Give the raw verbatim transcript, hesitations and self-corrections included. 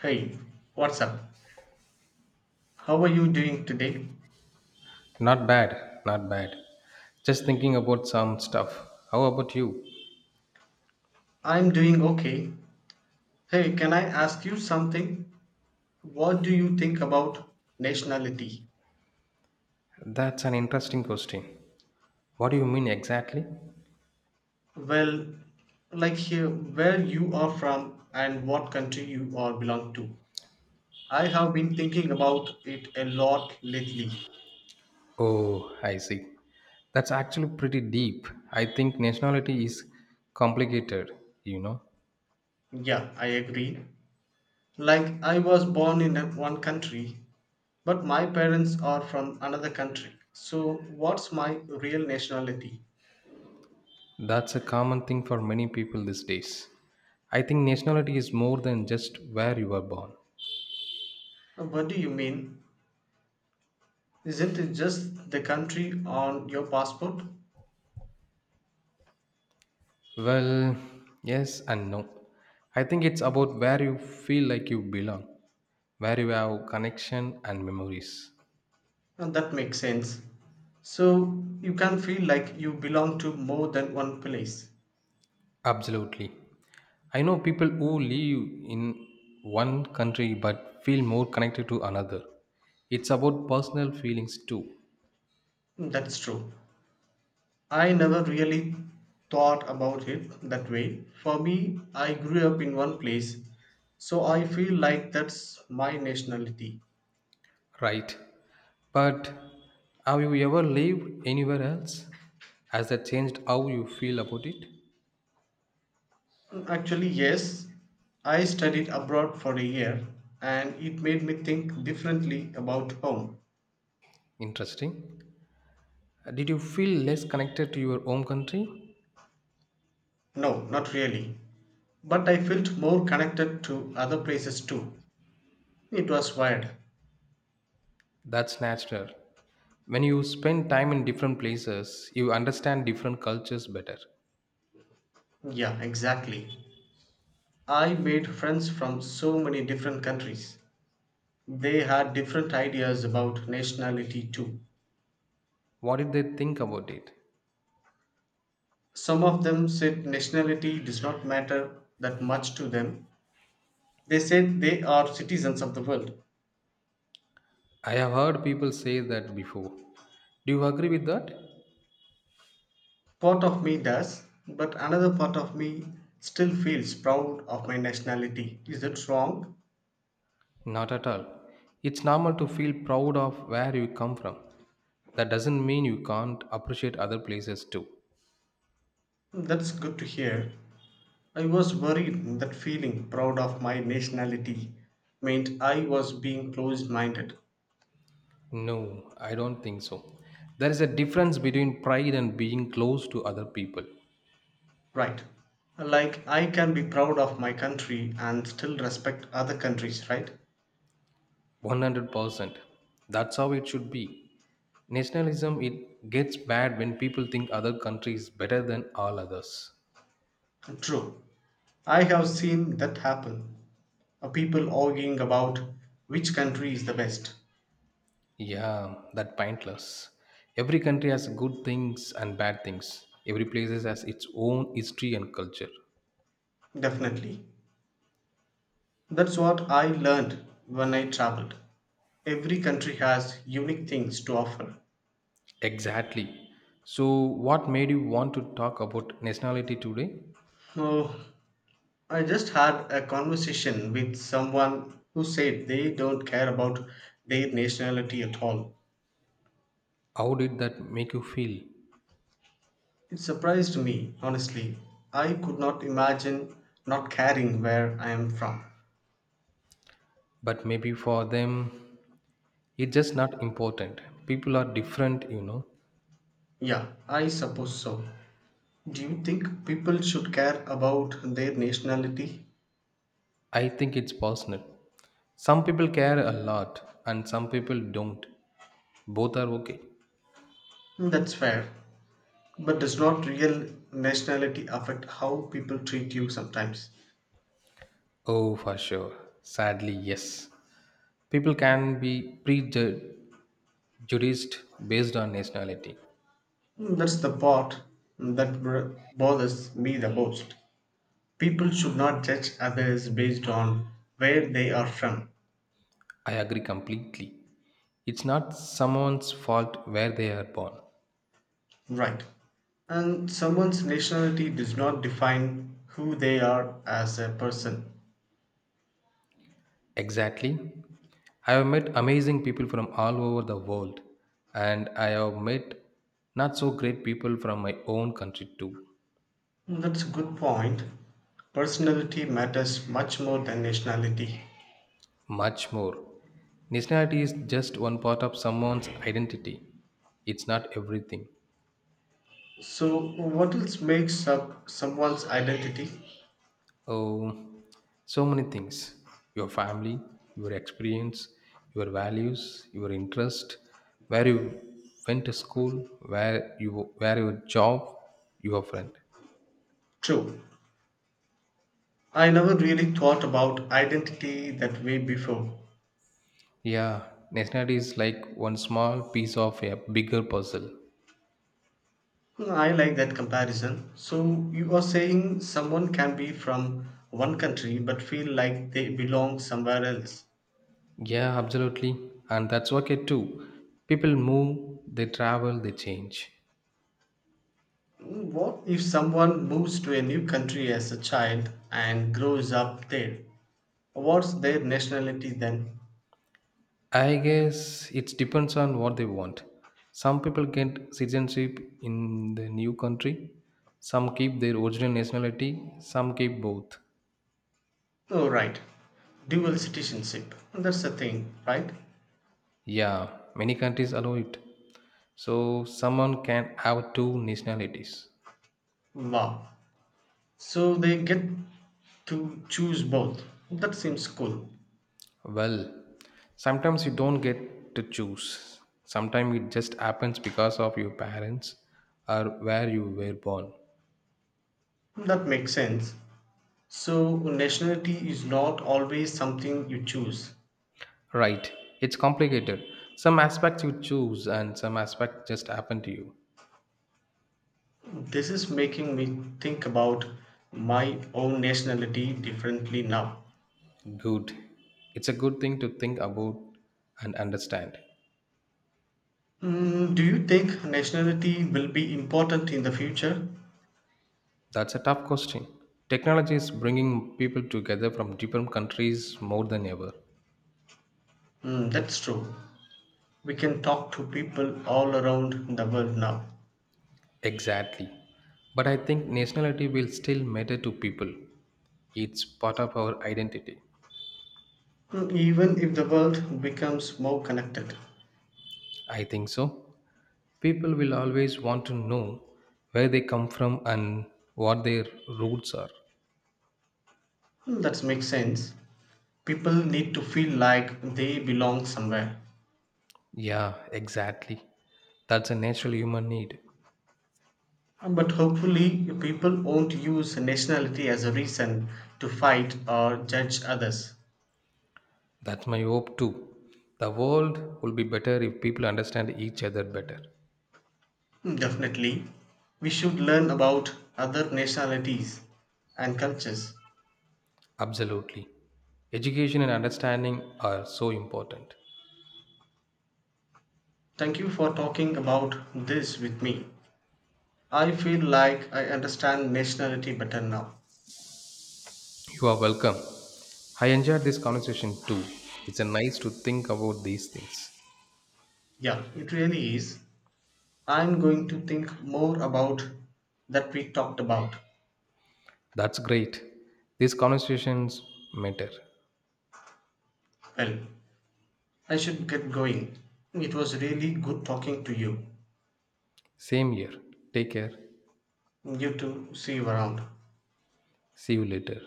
Hey, what's up? How are you doing today? Not bad, not bad. Just thinking about some stuff. How about you? I'm doing okay. Hey, can I ask you something? What do you think about nationality? That's an interesting question. What do you mean exactly? Well, like here, where you are from and what country you all belong to. I have been thinking about it a lot lately. Oh, I see. That's actually pretty deep. I think nationality is complicated, you know. Yeah, I agree. Like, I was born in a- one country, but my parents are from another country. So, what's my real nationality? That's a common thing for many people these days. I think nationality is more than just where you were born. What do you mean? Isn't it just the country on your passport? Well, yes and no. I think it's about where you feel like you belong, where you have connection and memories. And that makes sense. So you can feel like you belong to more than one place. Absolutely. I know people who live in one country but feel more connected to another. It's about personal feelings too, That's true. I never really thought about it that way. For me, I grew up in one place, so I feel like that's my nationality. right? But have you ever lived anywhere else? Has that changed how you feel about it? Actually, yes, I studied abroad for a year and it made me think differently about home. Interesting. Did you feel less connected to your home country? No, not really. But I felt more connected to other places too. It was weird. That's natural. When you spend time in different places, you understand different cultures better. Yeah, exactly. I made friends from so many different countries. They had different ideas about nationality too. What did they think about it? Some of them said nationality does not matter that much to them. They said they are citizens of the world. I have heard people say that before. Do you agree with that? Part of me does, but another part of me still feels proud of my nationality. Is that wrong? Not at all. It's normal to feel proud of where you come from. That doesn't mean you can't appreciate other places too. That's good to hear. I was worried that feeling proud of my nationality meant I was being closed minded. No, I don't think so. There is a difference between pride and being close to other people. Right. Like I can be proud of my country and still respect other countries, right? one hundred percent. That's how it should be. Nationalism, it gets bad when people think other country is better than all others. True. I have seen that happen. Uh, People arguing about which country is the best. Yeah, that pointless. Every country has good things and bad things. Every place has its own history and culture. Definitely. That's what I learned when I traveled. Every country has unique things to offer. Exactly. So, what made you want to talk about nationality today? Oh, I just had a conversation with someone who said they don't care about their nationality at all. How did that make you feel? It surprised me, honestly. I could not imagine not caring where I am from. But maybe for them, it's just not important. People are different, you know. Yeah, I suppose so. Do you think people should care about their nationality? I think it's personal. Some people care a lot and some people don't. Both are okay. That's fair. But does not real nationality affect how people treat you sometimes? Oh, for sure. Sadly, yes. People can be prejudiced based on nationality. That's the part that br- bothers me the most. People should not judge others based on where they are from. I agree completely. It's not someone's fault where they are born. Right. And someone's nationality does not define who they are as a person. Exactly. I have met amazing people from all over the world, and I have met not so great people from my own country too. That's a good point. Personality matters much more than nationality. Much more. Nationality is just one part of someone's identity. It's not everything. So, what else makes up someone's identity? Oh, so many things. Your family, your experience, your values, your interest, where you went to school, where you where your job, your friend. True. I never really thought about identity that way before. Yeah, nationality is like one small piece of a bigger puzzle. Well, I like that comparison. So you are saying someone can be from one country but feel like they belong somewhere else. Yeah, absolutely. And that's okay too. People move, they travel, they change. What if someone moves to a new country as a child and grows up there? What's their nationality then? I guess it depends on what they want. Some people get citizenship in the new country, some keep their original nationality, some keep both. Oh, right. Dual citizenship. That's the thing, right? Yeah, many countries allow it. So someone can have two nationalities. Wow. So they get to choose both. That seems cool. Well, sometimes you don't get to choose. Sometimes it just happens because of your parents or where you were born. That makes sense. So, nationality is not always something you choose. Right, it's complicated. Some aspects you choose and some aspects just happen to you. This is making me think about my own nationality differently now. Good. It's a good thing to think about and understand. Mm, do you think nationality will be important in the future? That's a tough question. Technology is bringing people together from different countries more than ever. Mm, that's true. We can talk to people all around the world now, Exactly. But I think nationality will still matter to people. It's part of our identity. Mm, even if the world becomes more connected. I think so. People will always want to know where they come from and what their roots are. Mm, that makes sense. People need to feel like they belong somewhere. Yeah, exactly. That's a natural human need. Um, But hopefully, people won't use nationality as a reason to fight or judge others. That's my hope too. The world will be better if people understand each other better. Hmm, definitely, we should learn about other nationalities and cultures. Absolutely. Education and understanding are so important. Thank you for talking about this with me. I feel like I understand nationality better now. You are welcome. I enjoyed this conversation too. It's a nice to think about these things. Yeah, it really is. I'm going to think more about that we talked about. That's great. These conversations matter. Well, I should get going. It was really good talking to you. Same here. Take care. You too. See you around. See you later.